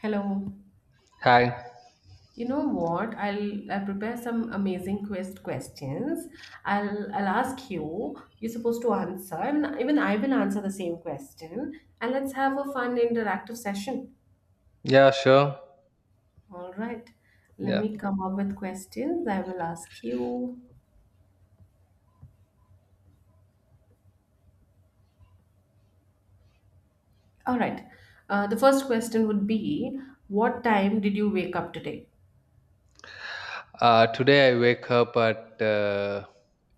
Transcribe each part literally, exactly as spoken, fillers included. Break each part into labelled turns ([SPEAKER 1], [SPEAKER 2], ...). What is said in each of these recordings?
[SPEAKER 1] Hello.
[SPEAKER 2] Hi.
[SPEAKER 1] You know what? I'll I'll prepare some amazing quest questions. I'll I'll ask you. You're supposed to answer, and even I will answer the same question. And let's have a fun interactive session.
[SPEAKER 2] Yeah, sure.
[SPEAKER 1] All right. Let
[SPEAKER 2] Yeah.
[SPEAKER 1] me come up with questions. I will ask you. All right. Uh, the first question would be, what time did you wake up today?
[SPEAKER 2] Uh, today I wake up at uh,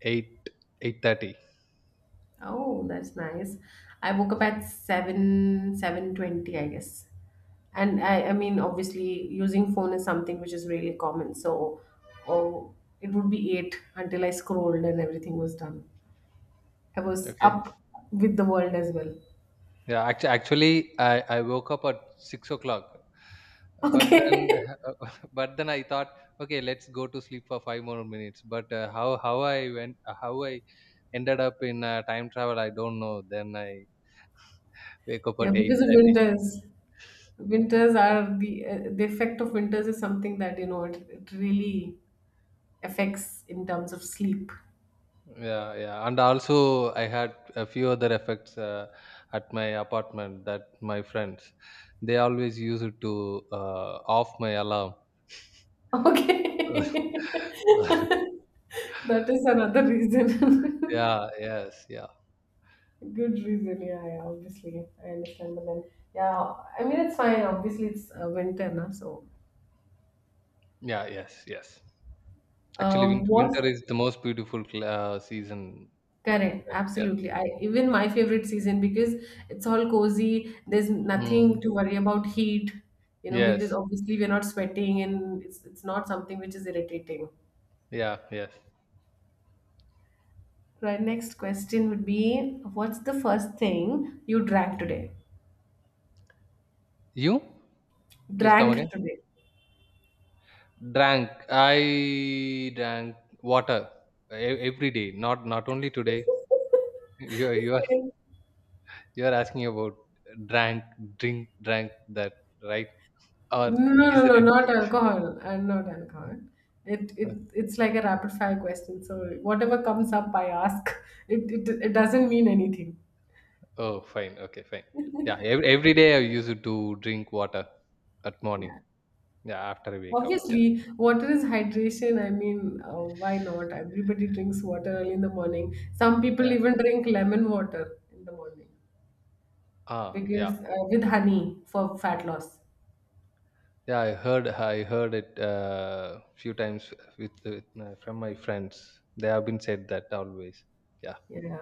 [SPEAKER 2] eight eight thirty.
[SPEAKER 1] Oh, that's nice. I woke up at seven seven twenty, I guess. And I I mean obviously using phone is something which is really common. So oh, it would be eight until I scrolled and everything was done. I was
[SPEAKER 2] Okay.
[SPEAKER 1] up with the world as well.
[SPEAKER 2] Yeah. Actually, actually, I I woke up at six o'clock. But then,
[SPEAKER 1] Okay.
[SPEAKER 2] but then I thought, okay, let's go to sleep for five more minutes. But uh, how how I went how I ended up in uh, time travel, I don't know. Then I wake up
[SPEAKER 1] Yeah,
[SPEAKER 2] at eight
[SPEAKER 1] because of
[SPEAKER 2] thirty.
[SPEAKER 1] winters. Winters are the uh, the effect of winters is something that you know it, it really affects in terms of sleep.
[SPEAKER 2] Yeah, yeah, and also I had a few other effects uh, at my apartment that my friends they always use it to uh, off my alarm.
[SPEAKER 1] Okay. That is
[SPEAKER 2] Yeah,
[SPEAKER 1] another reason.
[SPEAKER 2] yes, yeah,
[SPEAKER 1] Good reason, yeah, yeah, obviously. I understand. But then, yeah, I mean, it's fine. Obviously, it's uh, winter, na, so.
[SPEAKER 2] yeah, yes, yes. Actually,
[SPEAKER 1] Uh,
[SPEAKER 2] winter,
[SPEAKER 1] what's
[SPEAKER 2] winter is the most beautiful cl- uh, season.
[SPEAKER 1] correct?
[SPEAKER 2] Right? Yeah.
[SPEAKER 1] Absolutely. I even my favorite season because it's all cozy. There's nothing
[SPEAKER 2] Mm.
[SPEAKER 1] to worry about heat, you know, because
[SPEAKER 2] Yes.
[SPEAKER 1] obviously we're not sweating and it's, it's not something which is irritating.
[SPEAKER 2] Yeah. Yes.
[SPEAKER 1] Right, next question would be, what's the first thing you drank today?
[SPEAKER 2] You please come
[SPEAKER 1] Drank
[SPEAKER 2] again.
[SPEAKER 1] today.
[SPEAKER 2] Drank. I drank water e- every day. Not not only today. You are- you are You are asking about drank, drink, drank that, right? Or
[SPEAKER 1] No, no,
[SPEAKER 2] is
[SPEAKER 1] no,
[SPEAKER 2] there
[SPEAKER 1] no,
[SPEAKER 2] any?
[SPEAKER 1] not alcohol. And not alcohol. It, it it's like a rapid fire question. So whatever comes up, I ask. It it, it doesn't mean anything.
[SPEAKER 2] Oh, fine. Okay, fine. Yeah, every, every day I used to drink water at morning.
[SPEAKER 1] Yeah.
[SPEAKER 2] Yeah, after I wake up. Yeah,
[SPEAKER 1] Obviously, water is hydration. I mean, uh, why not? Everybody drinks water early in the morning. Some people
[SPEAKER 2] yeah.
[SPEAKER 1] even drink lemon water in the morning
[SPEAKER 2] Ah, yeah,
[SPEAKER 1] because uh, with honey for fat loss.
[SPEAKER 2] yeah. I heard, I heard it uh, few times with, with my, from my friends. They have been said that always. Yeah.
[SPEAKER 1] Yeah,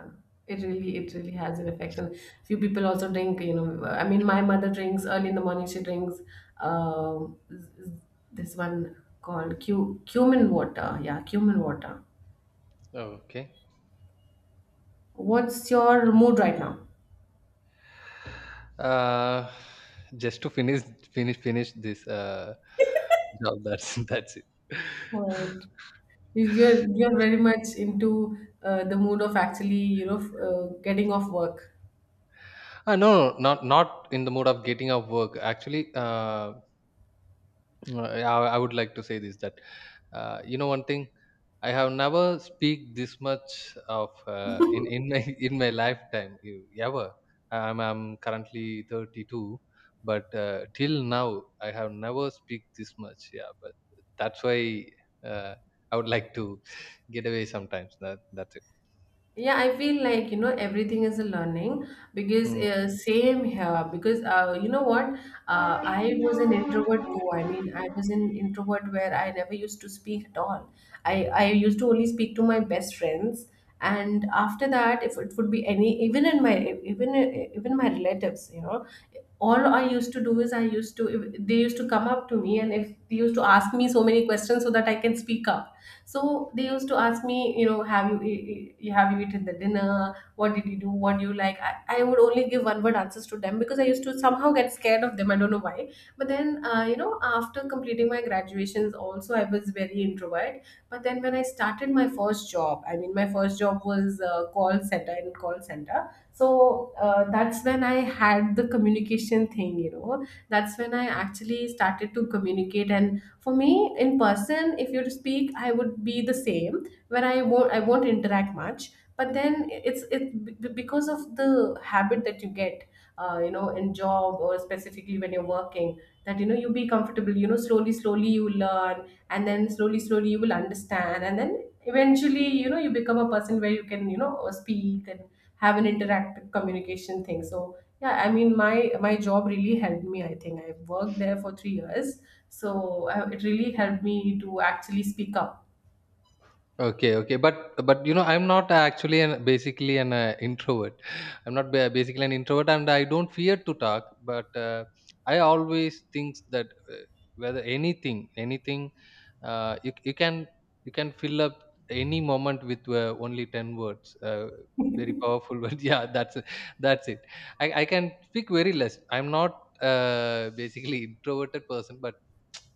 [SPEAKER 1] it really it really has an effect. And few people also drink. You know, I mean, my mother drinks early in the morning. She drinks um, z- z- this one called cu- cumin water. Yeah, cumin water.
[SPEAKER 2] Okay.
[SPEAKER 1] What's your mood right now?
[SPEAKER 2] Uh, just to finish, finish, finish this uh, job. That's that's it.
[SPEAKER 1] Right. You- You're you're very much into uh, the mood of actually you know f- uh, getting off work.
[SPEAKER 2] Uh, no, no, no, not not in the mode of getting off work. Actually, uh, I, I would like to say this that uh, you know one thing. I have never speak this much of uh, in in my in my lifetime you- ever. I'm I'm currently thirty-two, but uh, till now I have never speak this much. Yeah, but that's why uh, I would like to get away sometimes. That that's
[SPEAKER 1] Yeah, I feel like, you know, everything is a learning because
[SPEAKER 2] it.
[SPEAKER 1] uh, same here. Because uh, you know what? Uh, I was an introvert too. I mean, I was an introvert where I never used to speak at all. I, I used to only speak to my best friends. And after that, if it would be any, even in my, even, even my relatives, you know, all I used to do is I used to, if- they used to come up to me and if they used to ask me so many questions so that I can speak up, so they used to ask me, you know, have you e- e- have you eaten the dinner, what did you do, what do you like. I, I would only give one word answers to them because I used to somehow get scared of them. I don't know why, but then uh, you know, after completing my graduations also I was very introvert. But then when I started my first job, I mean, my first job was uh, call center. In call center, so uh, that's when I had the communication thing, you know, that's when I actually started to communicate. And for me, in person, if you were to speak, I would be the same, where i won't i won't interact much. But then it's it b- because of the habit that you get uh, you know, in job, or specifically when you're working, that you know you be comfortable. You know, slowly slowly you learn, and then slowly slowly you will understand, and then eventually, you know, you become a person where you can, you know, speak and have an interactive communication thing. So yeah, I mean, my my job really helped me. I think I worked there for three years, so uh, it really helped me to actually speak up.
[SPEAKER 2] Okay, okay, but but you know, I'm not actually an basically an uh, introvert. I'm not ba- basically an introvert, and I don't fear to talk. But uh, I always think that uh, whether anything, anything, uh, you you can you can fill up any moment with uh, only ten words. Uh, very powerful word. Yeah, that's it. That's it. I I can speak very less. I'm not uh, basically introverted person, but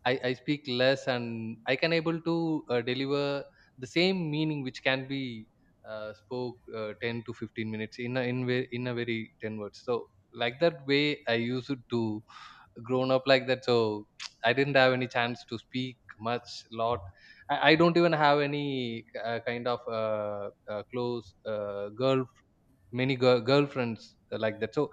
[SPEAKER 2] I, I speak less and I can able to uh, deliver the same meaning which can be uh, spoke uh, ten to fifteen minutes in a, in, ve- in a very ten words. So like that way I used to grown up like that. So I didn't have any chance to speak much lot. I, I don't even have any uh, kind of uh, uh, close uh, girl many girl, girlfriends like that. So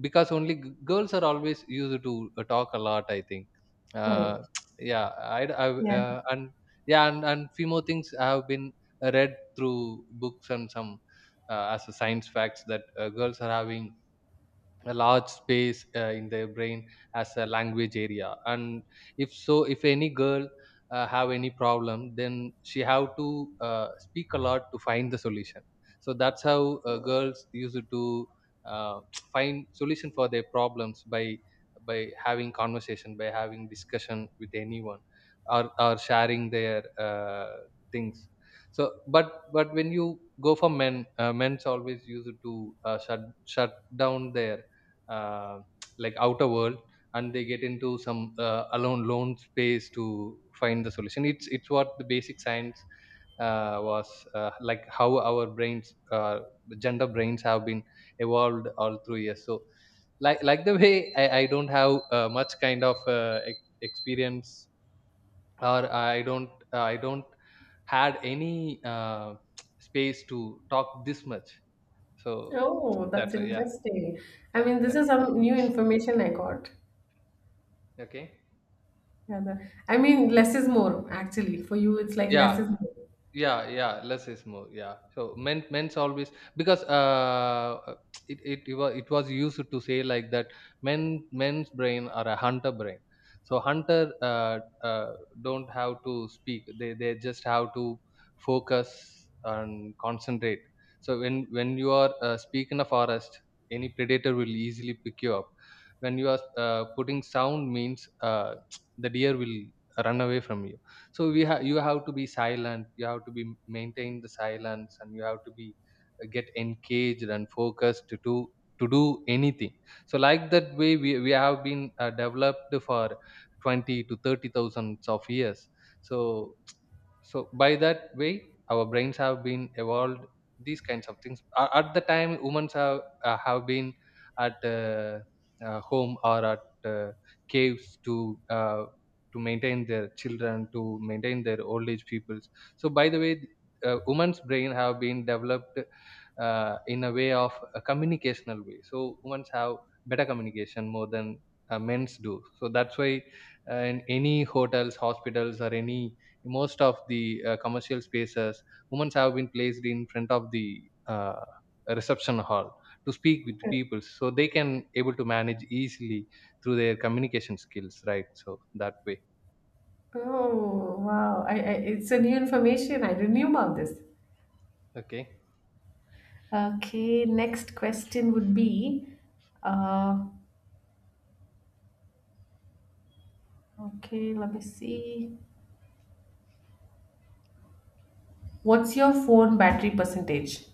[SPEAKER 2] because only g- girls are always used to uh, talk a lot I think. Uh,
[SPEAKER 1] Correct.
[SPEAKER 2] yeah, I, d- I w-
[SPEAKER 1] Yeah.
[SPEAKER 2] uh, and yeah and, and few more things have been uh, read through books and some uh, as a science facts that uh, girls are having a large space uh, in their brain as a language area. And if so if any girl uh, have any problem then she have to uh, speak a lot to find the solution, so that's how uh, girls used to uh, find solution for their problems by by having conversation, by having discussion with anyone, or, or sharing their uh, things. So but but when you go for men, uh, men's always used to uh, shut shut down their uh, like outer world, and they get into some uh, alone lone space to find the solution. it's it's what the basic science uh, was uh, like how our brains uh, gender brains have been evolved all through years. So like like the way i, I don't have uh, much kind of uh, ex- experience, or i don't i don't had any uh, space to talk this much. So
[SPEAKER 1] Oh, that's
[SPEAKER 2] that's why yeah
[SPEAKER 1] interesting. I
[SPEAKER 2] yeah
[SPEAKER 1] mean, this
[SPEAKER 2] yeah
[SPEAKER 1] is some new information I got.
[SPEAKER 2] okay
[SPEAKER 1] Yeah, the- I mean, less is more, actually. For you, it's like less
[SPEAKER 2] yeah
[SPEAKER 1] is more.
[SPEAKER 2] yeah yeah less is more. Yeah, so men men's always, because uh uh, it it, it was it was used to say like that, men men's brain are a hunter brain. So hunter uh, uh don't have to speak, they they just have to focus and concentrate. So when when you are uh, speak in a forest, any predator will easily pick you up when you are uh, putting sound. Means uh, the deer will run away from you. So we have you have to be silent, you have to be maintain the silence, and you have to be uh, get engaged and focused to do to do anything. So like that way we, we have been uh, developed for twenty to thirty thousands of years. So so by that way our brains have been evolved these kinds of things. A- at the time humans have uh, have been at uh, uh, home or at uh, caves to uh, to maintain their children, to maintain their old age peoples. So by the way uh, woman's brain have been developed uh, in a way of a communicational way, so humans have better communication more than uh, men's do. So that's why uh, in any hotels, hospitals, or any most of the uh, commercial spaces, women have been placed in front of the uh, reception hall to speak with
[SPEAKER 1] Correct.
[SPEAKER 2] people, so they can able to manage easily through their communication skills, right? So that way.
[SPEAKER 1] Oh, wow. I, I, it's a new information. I didn't knew about this.
[SPEAKER 2] Okay,
[SPEAKER 1] Okay, next question would be, uh, okay, let me see. What's your phone battery percentage?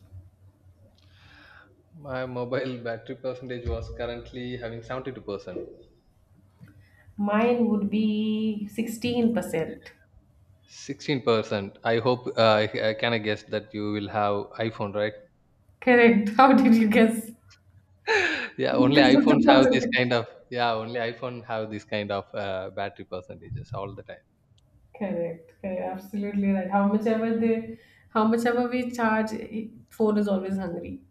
[SPEAKER 2] my mobile battery percentage was currently having seventy-two percent.
[SPEAKER 1] Mine would be sixteen percent.
[SPEAKER 2] sixteen percent, I hope uh, i, I can guess that you will have iPhone, right?
[SPEAKER 1] Correct. How did you guess?
[SPEAKER 2] Yeah, only
[SPEAKER 1] Because of the
[SPEAKER 2] iPhones have this
[SPEAKER 1] percentage.
[SPEAKER 2] kind of yeah, only iPhone have this kind of uh, battery percentages all the
[SPEAKER 1] Correct. Correct. Absolutely right. How much ever they,
[SPEAKER 2] time.
[SPEAKER 1] how much ever we charge, i- phone is always hungry.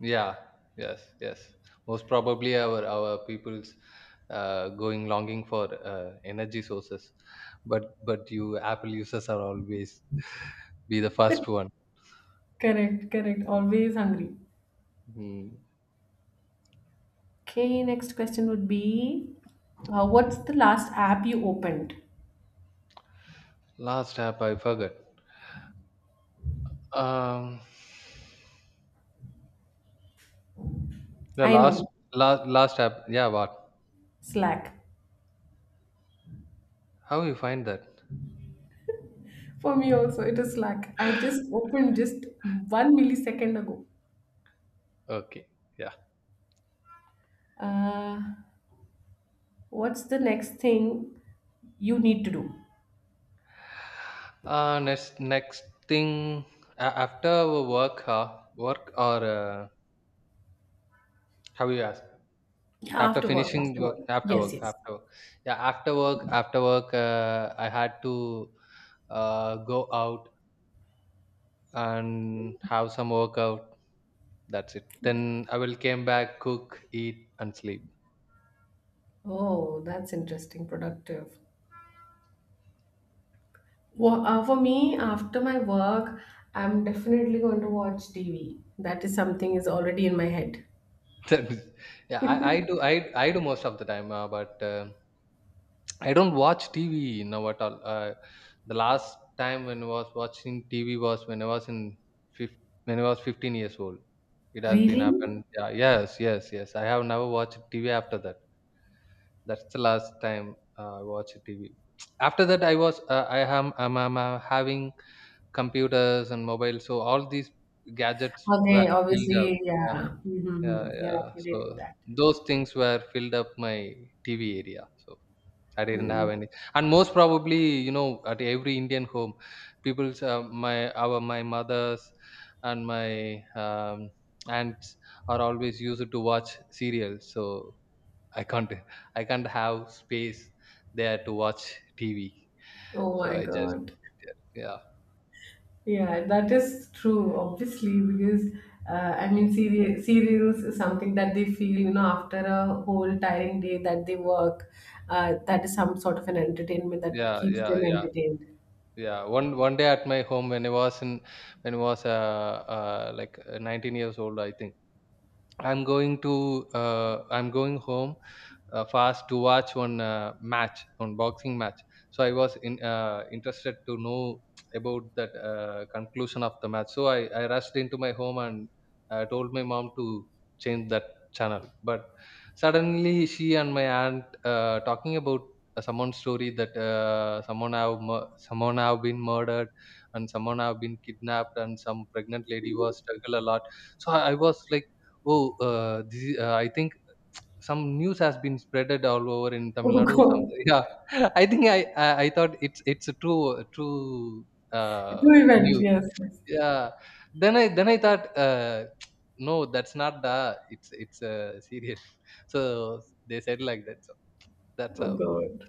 [SPEAKER 2] Yeah, yes, yes. Most probably our our people's uh, going longing for uh, energy sources, but but you Apple users are always be the first one.
[SPEAKER 1] Correct. Correct. Always hungry.
[SPEAKER 2] Hmm.
[SPEAKER 1] Okay. Next question would be, uh, what's the last app you opened?
[SPEAKER 2] Last app I forgot. Um, the
[SPEAKER 1] I
[SPEAKER 2] last
[SPEAKER 1] know,
[SPEAKER 2] last last app. Yeah, what?
[SPEAKER 1] Slack.
[SPEAKER 2] How you find that?
[SPEAKER 1] For me also, it is Slack. I just opened just one millisecond ago.
[SPEAKER 2] Okay, yeah.
[SPEAKER 1] Uh, what's the next thing you need to do?
[SPEAKER 2] Uh, next next thing a- after work, uh, work or uh, how you ask?
[SPEAKER 1] Yeah,
[SPEAKER 2] After
[SPEAKER 1] after work?
[SPEAKER 2] finishing the
[SPEAKER 1] After
[SPEAKER 2] work,
[SPEAKER 1] work.
[SPEAKER 2] after
[SPEAKER 1] Yes.
[SPEAKER 2] work,
[SPEAKER 1] Yes.
[SPEAKER 2] after work. Yeah, after work, after work, uh, I had to uh, go out and have some workout. That's it. Then I will came back, cook, eat, and sleep.
[SPEAKER 1] Oh, that's interesting, productive. Well, uh, for me, after my work, I'm definitely going to watch T V. That is something is already in my head.
[SPEAKER 2] That is- yeah, I, I do I, I do most of the time, uh, but uh, I don't watch T V now at all. Uh, the last time when I was watching T V was when I was in fif- when I was fifteen years old. It has been
[SPEAKER 1] Really?
[SPEAKER 2] happened. Yeah, yes, yes, yes. I have never watched T V after that. That's the last time uh, I watched TV. After that I was uh, i am I'm, I'm uh, having computers and mobile, so all these gadgets were
[SPEAKER 1] Okay,
[SPEAKER 2] filled up.
[SPEAKER 1] obviously,
[SPEAKER 2] Yeah
[SPEAKER 1] yeah.
[SPEAKER 2] yeah
[SPEAKER 1] Mm-hmm. You're
[SPEAKER 2] yeah,
[SPEAKER 1] up to
[SPEAKER 2] so
[SPEAKER 1] date with that.
[SPEAKER 2] those things were filled up my TV area, so I didn't have
[SPEAKER 1] Mm.
[SPEAKER 2] any. And most probably you know, at every Indian home, people's uh, my our my mothers and my um, aunts are always used to watch serials. So I can't I can't have space there to watch T V.
[SPEAKER 1] Oh
[SPEAKER 2] So
[SPEAKER 1] my
[SPEAKER 2] I just
[SPEAKER 1] God.
[SPEAKER 2] yeah.
[SPEAKER 1] Yeah, that is true, obviously, because uh, I mean, seri- serials is something that they feel, you know, after a whole tiring day that they work, uh, that is some sort of an entertainment that
[SPEAKER 2] Yeah,
[SPEAKER 1] keeps them
[SPEAKER 2] yeah, yeah,
[SPEAKER 1] entertained.
[SPEAKER 2] yeah. One one day at my home when I was in when I was uh, uh like uh, nineteen years old, I think I'm going to uh, I'm going home uh, fast to watch one uh, match, one boxing match. So I was in, uh, interested to know about that uh, conclusion of the match. So I, I rushed into my home and uh, told my mom to change that channel. But suddenly she and my aunt uh, talking about uh, someone's story that uh, someone have mur- someone have been murdered and someone have been kidnapped and some pregnant lady was struggle a lot. So I I was like, oh, uh, this uh, I think some news has been spreaded all over in Tamil
[SPEAKER 1] Oh
[SPEAKER 2] Nadu. Some,
[SPEAKER 1] God.
[SPEAKER 2] yeah, I think I, I I thought it's it's a true true
[SPEAKER 1] Do
[SPEAKER 2] uh,
[SPEAKER 1] event,
[SPEAKER 2] news.
[SPEAKER 1] yes. Yes.
[SPEAKER 2] Yeah. Then I then I thought uh, no, that's not the it's it's uh, serious. So they said like that. So that's
[SPEAKER 1] Oh
[SPEAKER 2] how.
[SPEAKER 1] God.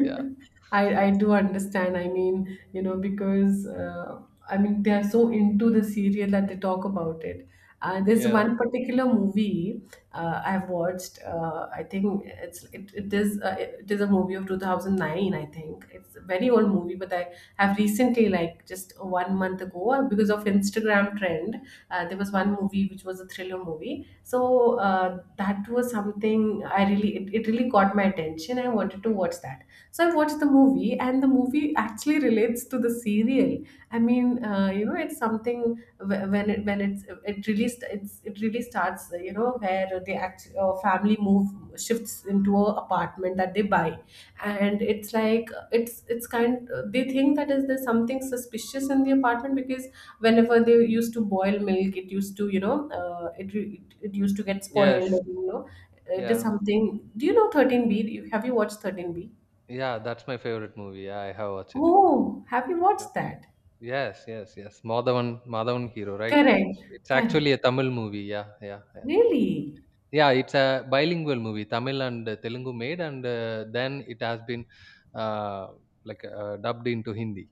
[SPEAKER 2] Yeah.
[SPEAKER 1] I, I do understand. I mean, you know, because uh, I mean, they are so into the serial that they talk about it. Uh, there's
[SPEAKER 2] Yeah.
[SPEAKER 1] one particular movie uh, I've watched. Uh, I think it's it, it is uh, it is a movie of two thousand nine. I think it's a very old movie, but I have recently, like just one month ago, uh, because of Instagram trend, uh, there was one movie which was a thriller movie. So uh, that was something I really it, it really caught my attention. I wanted to watch that. So I watched the movie, and the movie actually relates to the serial. I mean, uh, you know, it's something wh- when it when it's it really st- it's it really starts, you know, where the act uh, family move shifts into a apartment that they buy. And it's like it's it's kind, they think that is there's something suspicious in the apartment because whenever they used to boil milk, it used to, you know, uh, it, re- it it used to get
[SPEAKER 2] Yes.
[SPEAKER 1] spoiled, you know. It is
[SPEAKER 2] Yeah.
[SPEAKER 1] something, do you know thirteen b? Do you- have you watched thirteen b?
[SPEAKER 2] Yeah. That's my favorite movie. Yeah, I have watched it.
[SPEAKER 1] Oh, have you
[SPEAKER 2] Yeah.
[SPEAKER 1] watched that?
[SPEAKER 2] Yes. Yes. Yes. Madhavan Madhavan hero, right?
[SPEAKER 1] Correct.
[SPEAKER 2] It's
[SPEAKER 1] Correct.
[SPEAKER 2] actually a Tamil movie. Yeah. Yeah. Yeah.
[SPEAKER 1] Really.
[SPEAKER 2] Yeah, it's a bilingual movie, Tamil and Telugu made, and uh, then it has been uh, like uh, dubbed into Hindi.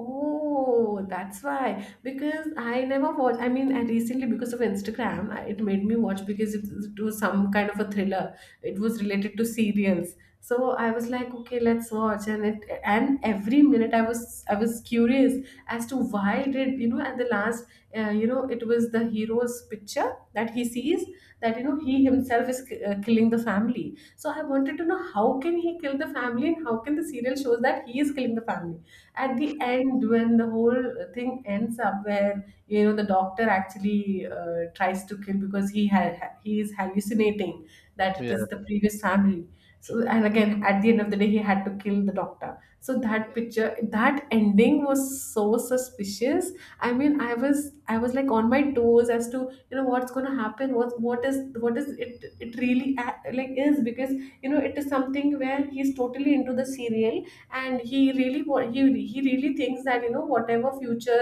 [SPEAKER 1] Oh, that's why. Because I never watch. I mean, I recently because of Instagram, I- it made me watch because it, it was some kind of a thriller. It was related to serials. So I was like, okay, let's watch. And it, and every minute I was, I was curious as to why did, you know, at the last, uh, you know, it was the hero's picture that he sees, that you know he himself is uh, killing the family. So I wanted to know how can he kill the family and how can the serial shows that he is killing the family. At the end, when the whole thing ends up, where you know the doctor actually uh, tries to kill because he ha- he is hallucinating that it
[SPEAKER 2] Yeah,
[SPEAKER 1] is the previous family, so and again at the end of the day he had to kill the doctor. So that
[SPEAKER 2] yeah,
[SPEAKER 1] picture, that ending was so suspicious. I mean I was, I was like on my toes as to, you know, what's going to happen, what what is, what is it, it really a- like, is because, you know, it is something where he's totally into the serial, and he really wa- he he really thinks that, you know, whatever future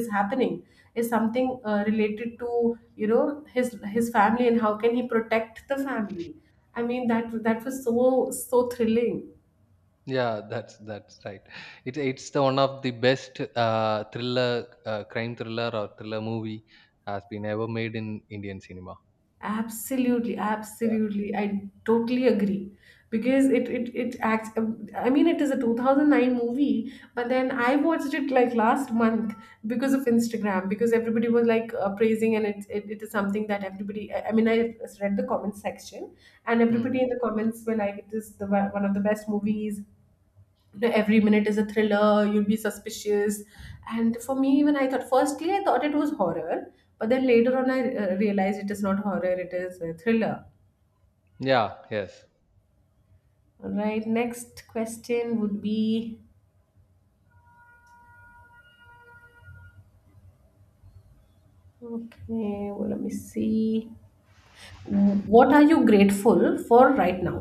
[SPEAKER 1] is happening is something uh, related to, you know, his his family and how can he protect the family. I mean, that that was so so thrilling.
[SPEAKER 2] yeah. That's that's right. It, it's the one of the best uh, thriller, uh, crime thriller or thriller movie has been ever made in Indian cinema.
[SPEAKER 1] Absolutely,
[SPEAKER 2] Yeah.
[SPEAKER 1] absolutely. I totally agree because it it it acts. um, I mean, it is a two thousand nine movie, but then I watched it like last month because of Instagram because everybody was like uh, praising and it, it it is something that everybody. I I mean, I read the comment section and
[SPEAKER 2] Hmm.
[SPEAKER 1] everybody in the comments were like, "It is the one of the best movies, every minute is a thriller, you'll be suspicious." And for me, when I thought firstly, I thought it was horror, but then later on I uh, realized it is not horror, it is a thriller.
[SPEAKER 2] Yeah. Yes.
[SPEAKER 1] All right, next question would be, okay, well, let me see, what are you grateful for right now?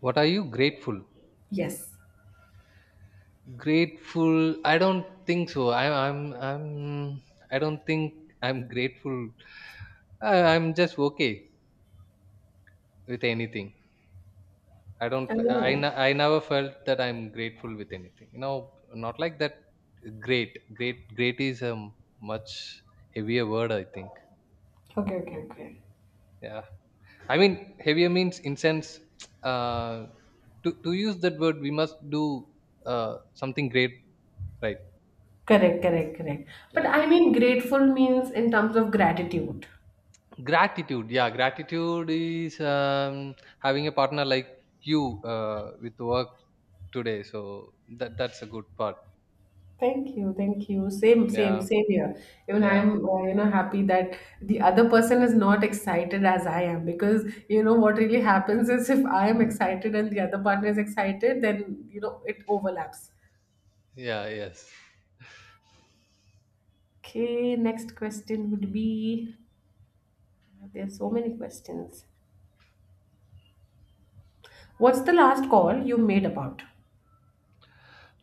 [SPEAKER 2] What are you grateful?
[SPEAKER 1] Yes.
[SPEAKER 2] Grateful? I don't think so. I, I'm. I'm. I don't think I'm grateful. I, I'm just okay. With anything, I don't f- I,
[SPEAKER 1] Oh.
[SPEAKER 2] n- I never felt that I'm grateful with anything you know Not like that. Great great great is a m- much heavier word I think.
[SPEAKER 1] Okay, okay, okay.
[SPEAKER 2] Yeah, I mean heavier means in sense, uh to, to use that word we must do uh something great, right?
[SPEAKER 1] Correct, correct, correct. But
[SPEAKER 2] Yeah,
[SPEAKER 1] I mean grateful means in terms of gratitude.
[SPEAKER 2] gratitude. Yeah, gratitude is um having a partner like you uh with work today, so that that's a good part.
[SPEAKER 1] Thank you, thank you. Same, same,
[SPEAKER 2] Yeah,
[SPEAKER 1] same here. Even
[SPEAKER 2] yeah,
[SPEAKER 1] I'm, uh, you know, happy that the other person is not excited as I am, because you know what really happens is if I am excited and the other partner is excited, then you know it overlaps.
[SPEAKER 2] yeah, yes.
[SPEAKER 1] Okay, next question would be, there's so many questions. What's the last call you made about?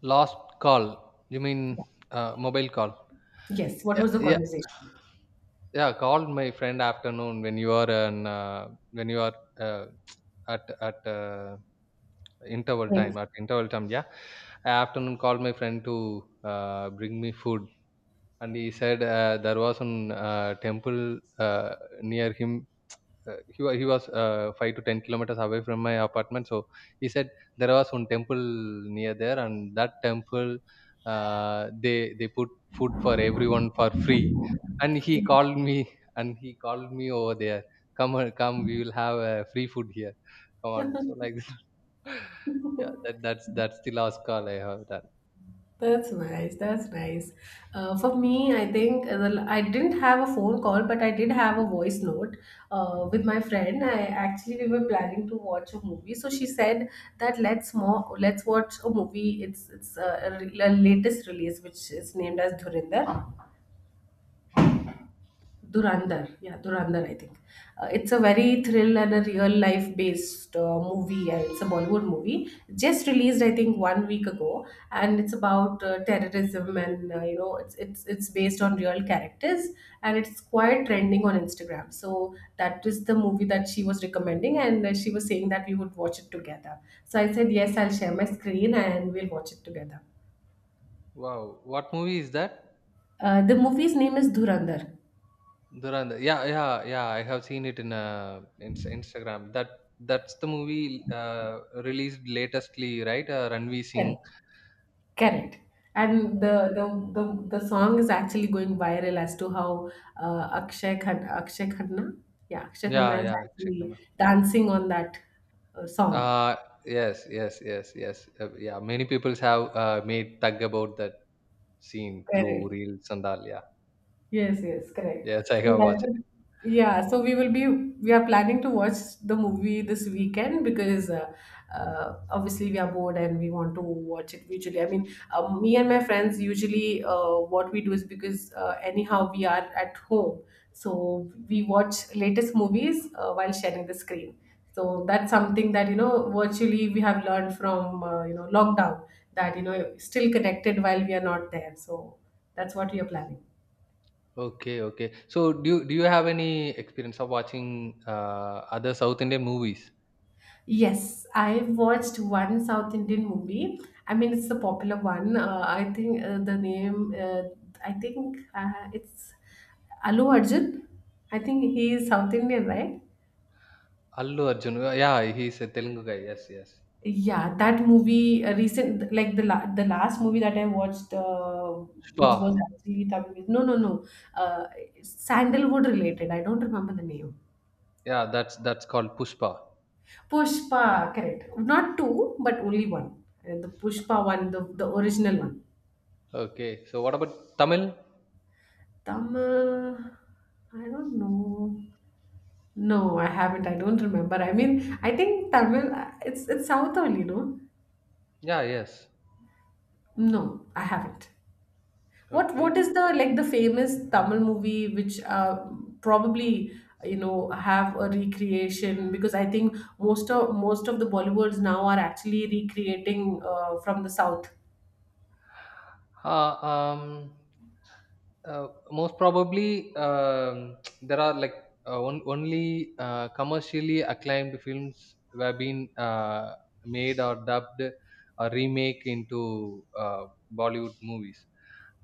[SPEAKER 2] Last call. You mean
[SPEAKER 1] Yeah.
[SPEAKER 2] uh, mobile call?
[SPEAKER 1] Yes, what
[SPEAKER 2] Yeah,
[SPEAKER 1] was the
[SPEAKER 2] yeah,
[SPEAKER 1] conversation?
[SPEAKER 2] yeah. Called my friend afternoon when you are an uh, when you are uh, at at uh, interval
[SPEAKER 1] Great.
[SPEAKER 2] time. At interval time. Yeah, afternoon called my friend to uh, bring me food, and he said uh, there was an uh, temple, uh, near him. Uh, he was he was uh, five to ten kilometers away from my apartment. So he said there was one temple near there, and that temple, uh, they they put food for everyone for free. And he
[SPEAKER 1] Okay.
[SPEAKER 2] called me, and he called me over there. Come on, come, we will have uh, free food here. Come on, so like yeah, that that's that's the last call I have done.
[SPEAKER 1] That's nice. That's nice. Uh, for me, I think uh, the- I didn't have a phone call, but I did have a voice note uh, with my friend. I actually we were planning to watch a movie, so she said that let's more let's watch a movie. It's it's uh, a, re- a latest release, which is named as Dhurinder. Durandar, yeah, Durandar, I think. Uh, it's a very thrill and a real life based uh, movie. Uh, It's a Bollywood movie, just released, I think, one week ago, and it's about uh, terrorism and uh, you know, it's it's it's based on real characters, and it's quite trending on Instagram. So that is the movie that she was recommending, and uh, she was saying that we would watch it together. So I said yes, I'll share my screen and we'll watch it together.
[SPEAKER 2] Wow, what movie is that?
[SPEAKER 1] Uh, the movie's name is Dhurandhar.
[SPEAKER 2] Durand, yeah, yeah, yeah. I have seen it in uh, in Instagram. That that's the movie uh, released latestly, right? Uh, Ranveer Singh.
[SPEAKER 1] Correct. And the, the the the song is actually going viral as to how uh, Akshay Khan, Akshay Khanna, yeah, Akshay
[SPEAKER 2] Yeah,
[SPEAKER 1] Khanna is
[SPEAKER 2] yeah.
[SPEAKER 1] actually
[SPEAKER 2] Shikana.
[SPEAKER 1] dancing on that uh, song.
[SPEAKER 2] Uh, yes, yes, yes, yes. Uh, yeah, many people have uh, made tag about that scene through
[SPEAKER 1] Correct.
[SPEAKER 2] reels and all. Yeah.
[SPEAKER 1] Yes, yes, correct.
[SPEAKER 2] Yes, I
[SPEAKER 1] So
[SPEAKER 2] have
[SPEAKER 1] that
[SPEAKER 2] watched it.
[SPEAKER 1] is, yeah, so we will be we are planning to watch the movie this weekend because uh, uh, obviously we are bored and we want to watch it usually. I mean, um, me and my friends usually uh, what we do is, because uh, anyhow we are at home, so we watch latest movies uh, while sharing the screen. So that's something that you know virtually we have learned from uh, you know lockdown, that you know still connected while we are not there. So that's what we are planning.
[SPEAKER 2] Okay, okay. So, do you, do you have any experience of watching uh, other South Indian movies?
[SPEAKER 1] Yes, I watched one South Indian movie. I mean, it's a popular one. Uh, I think uh, the name, uh, I think uh, It's Alu Arjun. I think he is South Indian, right?
[SPEAKER 2] Allu Arjun. Yeah, he's a Telugu guy. Yes, yes.
[SPEAKER 1] Yeah, that movie, uh, recent, like the la the last movie that I watched, uh,
[SPEAKER 2] Pushpa.
[SPEAKER 1] which was actually Tamil. No, no, no. Uh, Sandalwood related. I don't remember the name.
[SPEAKER 2] Yeah, that's that's called Pushpa.
[SPEAKER 1] Pushpa, correct. Not two, but only one. Uh, The Pushpa one, the, the original one.
[SPEAKER 2] Okay. So what about Tamil?
[SPEAKER 1] Tamil, I don't know. No, I haven't. I don't remember. I mean, I think Tamil. uh, It's it's South only, no?
[SPEAKER 2] Yeah, yes.
[SPEAKER 1] No, I haven't. What what
[SPEAKER 2] Okay.
[SPEAKER 1] is the like the famous Tamil movie which uh, probably you know have a recreation, because I think most of most of the Bollywoods now are actually recreating uh, from the South.
[SPEAKER 2] Uh, um, uh, most probably, um, there are like uh, on, only uh, commercially acclaimed films were been uh, made or dubbed or remake into uh, Bollywood movies.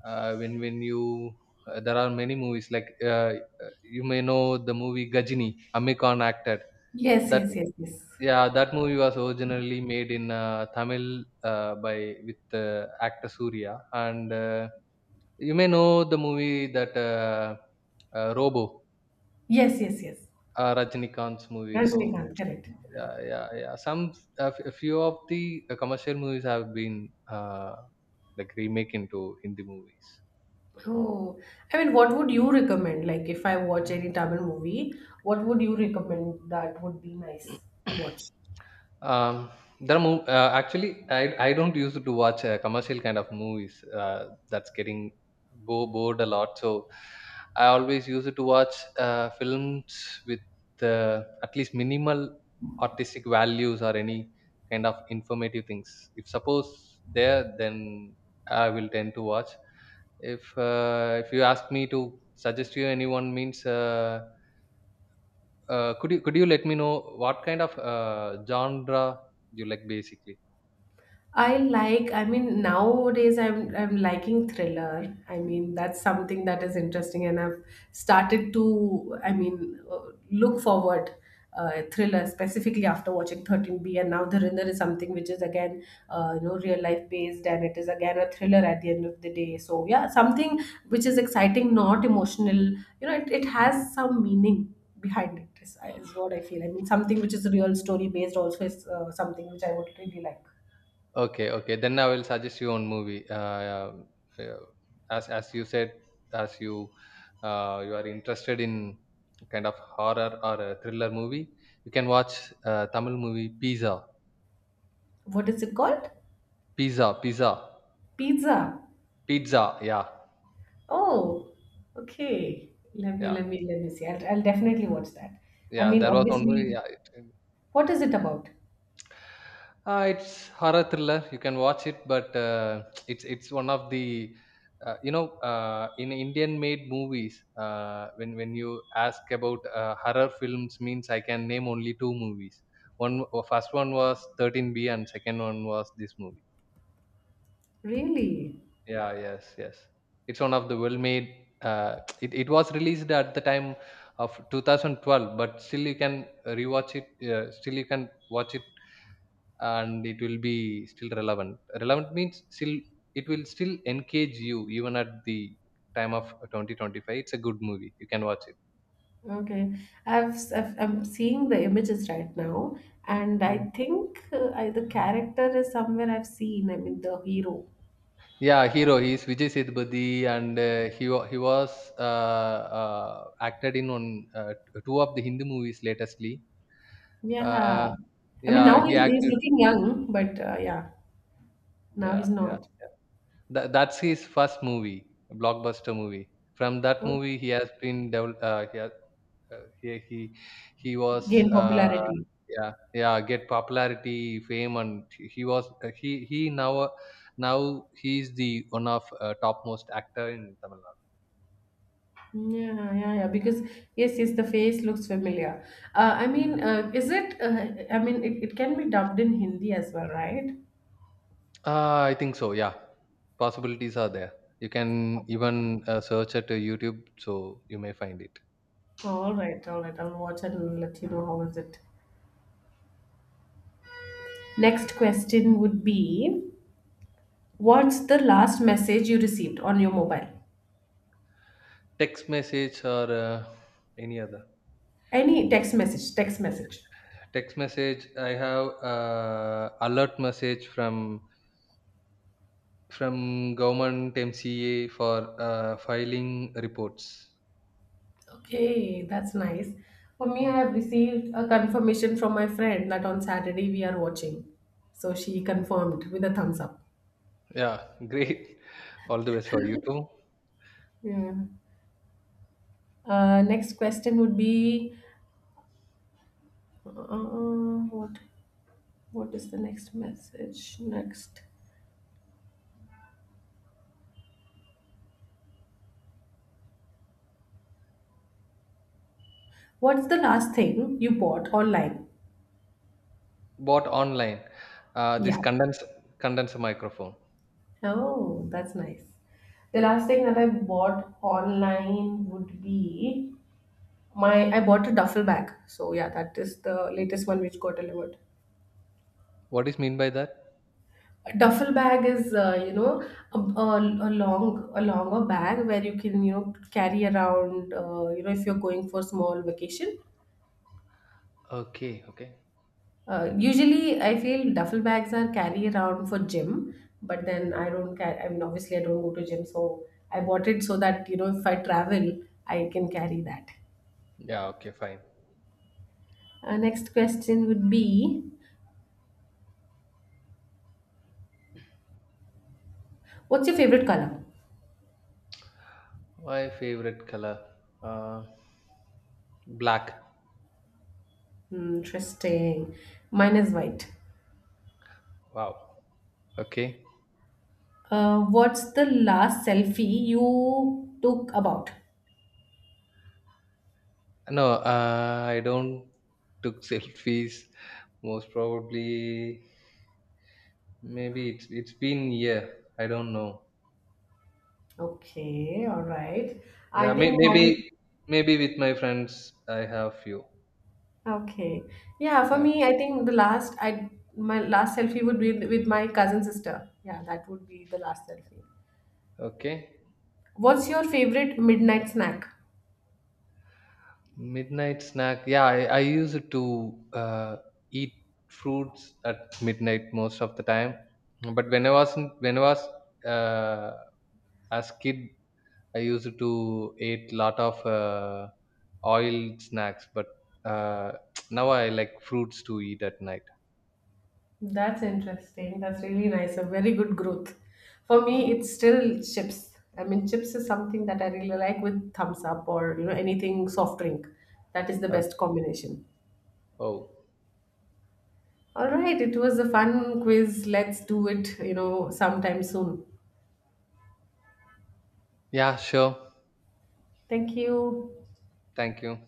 [SPEAKER 2] Uh, when when you uh, there are many movies like uh, uh, you may know the movie Gajini, Amir Khan acted.
[SPEAKER 1] Yes,
[SPEAKER 2] That,
[SPEAKER 1] yes, yes, yes,
[SPEAKER 2] yeah, that movie was originally made in uh, Tamil uh, by with uh, actor Surya, and uh, you may know the movie that uh, uh, Robo,
[SPEAKER 1] yes, yes, yes.
[SPEAKER 2] uh, Rajinikanth's movie. So
[SPEAKER 1] Rajnikant, correct.
[SPEAKER 2] yeah, yeah, yeah. Some a f- a few of the uh, commercial movies have been uh, like remake into Hindi movies.
[SPEAKER 1] Oh, I mean, what would you recommend? Like, if I watch any Tamil movie, what would you recommend that would be nice to watch?
[SPEAKER 2] Um, there are mov- uh, actually I, I don't use to watch uh, commercial kind of movies uh, that's getting bo- bored a lot, so I always use to watch uh, films with uh, at least minimal artistic values or any kind of informative things if suppose there, then I will tend to watch. If uh, if you ask me to suggest you anyone means, uh, uh, could you could you let me know what kind of uh, genre you like basically?
[SPEAKER 1] I like, I mean, nowadays I'm I'm liking thriller. I mean, that's something that is interesting, and I've started to, I mean, uh, look forward uh, thriller specifically after watching thirteen B, and now the Thriller is something which is again, uh, you know, real life based, and it is again a thriller at the end of the day. So yeah, something which is exciting, not emotional. You know, it, it has some meaning behind it, is, is what I feel. I mean, something which is a real story based also is uh, something which I would really like.
[SPEAKER 2] Okay, okay. Then I will suggest you one movie. Uh, uh, as as you said, as you uh, you are interested in kind of horror or a thriller movie, you can watch uh, Tamil movie Pizza,
[SPEAKER 1] What is it called?
[SPEAKER 2] Pizza, Pizza,
[SPEAKER 1] Pizza.
[SPEAKER 2] Pizza. Yeah,
[SPEAKER 1] Oh, okay. Let me
[SPEAKER 2] yeah,
[SPEAKER 1] let me let me see. I'll, I'll definitely watch that. I
[SPEAKER 2] yeah.
[SPEAKER 1] mean,
[SPEAKER 2] There was one movie.
[SPEAKER 1] obviously,
[SPEAKER 2] Yeah.
[SPEAKER 1] what is it about?
[SPEAKER 2] Uh, it's horror thriller. You can watch it, but uh, it's it's one of the, uh, you know, uh, in Indian made movies. Uh, when when you ask about uh, horror films, means I can name only two movies. One, uh, first one was thirteen B, and second one was this movie.
[SPEAKER 1] Really?
[SPEAKER 2] Yeah, yes, yes. It's one of the well made. Uh, it it was released at the time of two thousand twelve, but still you can rewatch it. Uh, still you can watch it and it will be still relevant. Relevant means still it will still engage you even at the time of twenty twenty-five. It's a good movie. You can watch it.
[SPEAKER 1] Okay. I've, s- I've I'm seeing the images right now, and
[SPEAKER 2] Hmm.
[SPEAKER 1] I think uh, I, the character is somewhere I've seen. I mean, the hero.
[SPEAKER 2] Yeah, hero. He is Vijay Sethupathi, and uh, he wa- he was uh, uh, acted in on uh, two of the Hindi movies latestly.
[SPEAKER 1] Yeah.
[SPEAKER 2] Uh,
[SPEAKER 1] I mean,
[SPEAKER 2] yeah,
[SPEAKER 1] now
[SPEAKER 2] he
[SPEAKER 1] he's he's
[SPEAKER 2] acted.
[SPEAKER 1] looking young, but uh, yeah, now he's
[SPEAKER 2] Yeah, yeah,
[SPEAKER 1] not.
[SPEAKER 2] yeah. Tha that's his first movie, blockbuster movie. From that
[SPEAKER 1] Okay.
[SPEAKER 2] movie, he has been devel- uh, he has, uh, he he he was,
[SPEAKER 1] Gain
[SPEAKER 2] uh,
[SPEAKER 1] popularity.
[SPEAKER 2] yeah, yeah, get popularity, fame, and he was, uh, he he now uh, now he is the one of uh, topmost actor in Tamil Nadu.
[SPEAKER 1] Yeah, yeah, yeah. Because yes, yes, the face looks familiar. Uh, I mean, uh, is it? Uh, I mean, it, it can be dubbed in Hindi as well, right?
[SPEAKER 2] Uh, I think so. Yeah, possibilities are there. You can even uh, search at uh, YouTube, so you may find it.
[SPEAKER 1] All right, all right. I'll watch and let you know how is it. Next question would be, what's the last message you received on your mobile?
[SPEAKER 2] Text message or uh, any other
[SPEAKER 1] Any text message? Text message.
[SPEAKER 2] text message. I have uh, alert message from from government M C A for uh, filing reports.
[SPEAKER 1] Okay, that's nice. For me,
[SPEAKER 2] Mm.
[SPEAKER 1] I have received a confirmation from my friend that on Saturday we are watching. So she confirmed with a thumbs up.
[SPEAKER 2] Yeah, great. All the best for you too.
[SPEAKER 1] Yeah. Uh, next question would be uh, what what is the next message next what's the last thing you bought online?
[SPEAKER 2] Bought online. Uh, this
[SPEAKER 1] Yeah.
[SPEAKER 2] condensed condenser microphone.
[SPEAKER 1] Oh, that's nice. The last thing that I bought online would be my I bought a duffel bag, so yeah, that is the latest one which got delivered.
[SPEAKER 2] What is mean by that?
[SPEAKER 1] A duffel bag is uh, you know, a, a, a long, a longer bag where you can you know carry around uh, you know, if you're going for small vacation.
[SPEAKER 2] Okay, okay.
[SPEAKER 1] Uh, usually, I feel duffel bags are carry around for gym, but then I don't carry. I mean, obviously, I don't go to gym, so I bought it so that you know if I travel, I can carry that.
[SPEAKER 2] Yeah, okay, fine.
[SPEAKER 1] Uh, next question would be, what's your favorite color?
[SPEAKER 2] My favorite color, uh, black.
[SPEAKER 1] Hmm, interesting. Mine is white.
[SPEAKER 2] Wow. Okay.
[SPEAKER 1] Uh, what's the last selfie you took about?
[SPEAKER 2] No, uh, I don't took selfies. Most probably, maybe it's it's been a year. I don't know.
[SPEAKER 1] Okay, all right.
[SPEAKER 2] Yeah,
[SPEAKER 1] I
[SPEAKER 2] may-
[SPEAKER 1] think mine.
[SPEAKER 2] maybe, maybe with my friends I have few.
[SPEAKER 1] Okay. Yeah, for
[SPEAKER 2] Yeah.
[SPEAKER 1] me, I think the last I my last selfie would be with my cousin sister. Yeah, that would be the last selfie.
[SPEAKER 2] Okay.
[SPEAKER 1] What's your favorite midnight snack?
[SPEAKER 2] Midnight snack. Yeah, I, I used to uh, eat fruits at midnight most of the time. But when I was in, when I was uh, as kid, I used to eat lot of uh, oil snacks. But uh, now I like fruits to eat at night.
[SPEAKER 1] That's interesting. That's really nice. A very good growth. For me, it's still chips. I mean, chips is something that I really like with thumbs up, or you know, anything soft drink. That is the best
[SPEAKER 2] Okay.
[SPEAKER 1] combination.
[SPEAKER 2] Oh,
[SPEAKER 1] All right, it was a fun quiz. Let's do it, you know, sometime soon.
[SPEAKER 2] yeah, sure.
[SPEAKER 1] Thank you.
[SPEAKER 2] Thank you.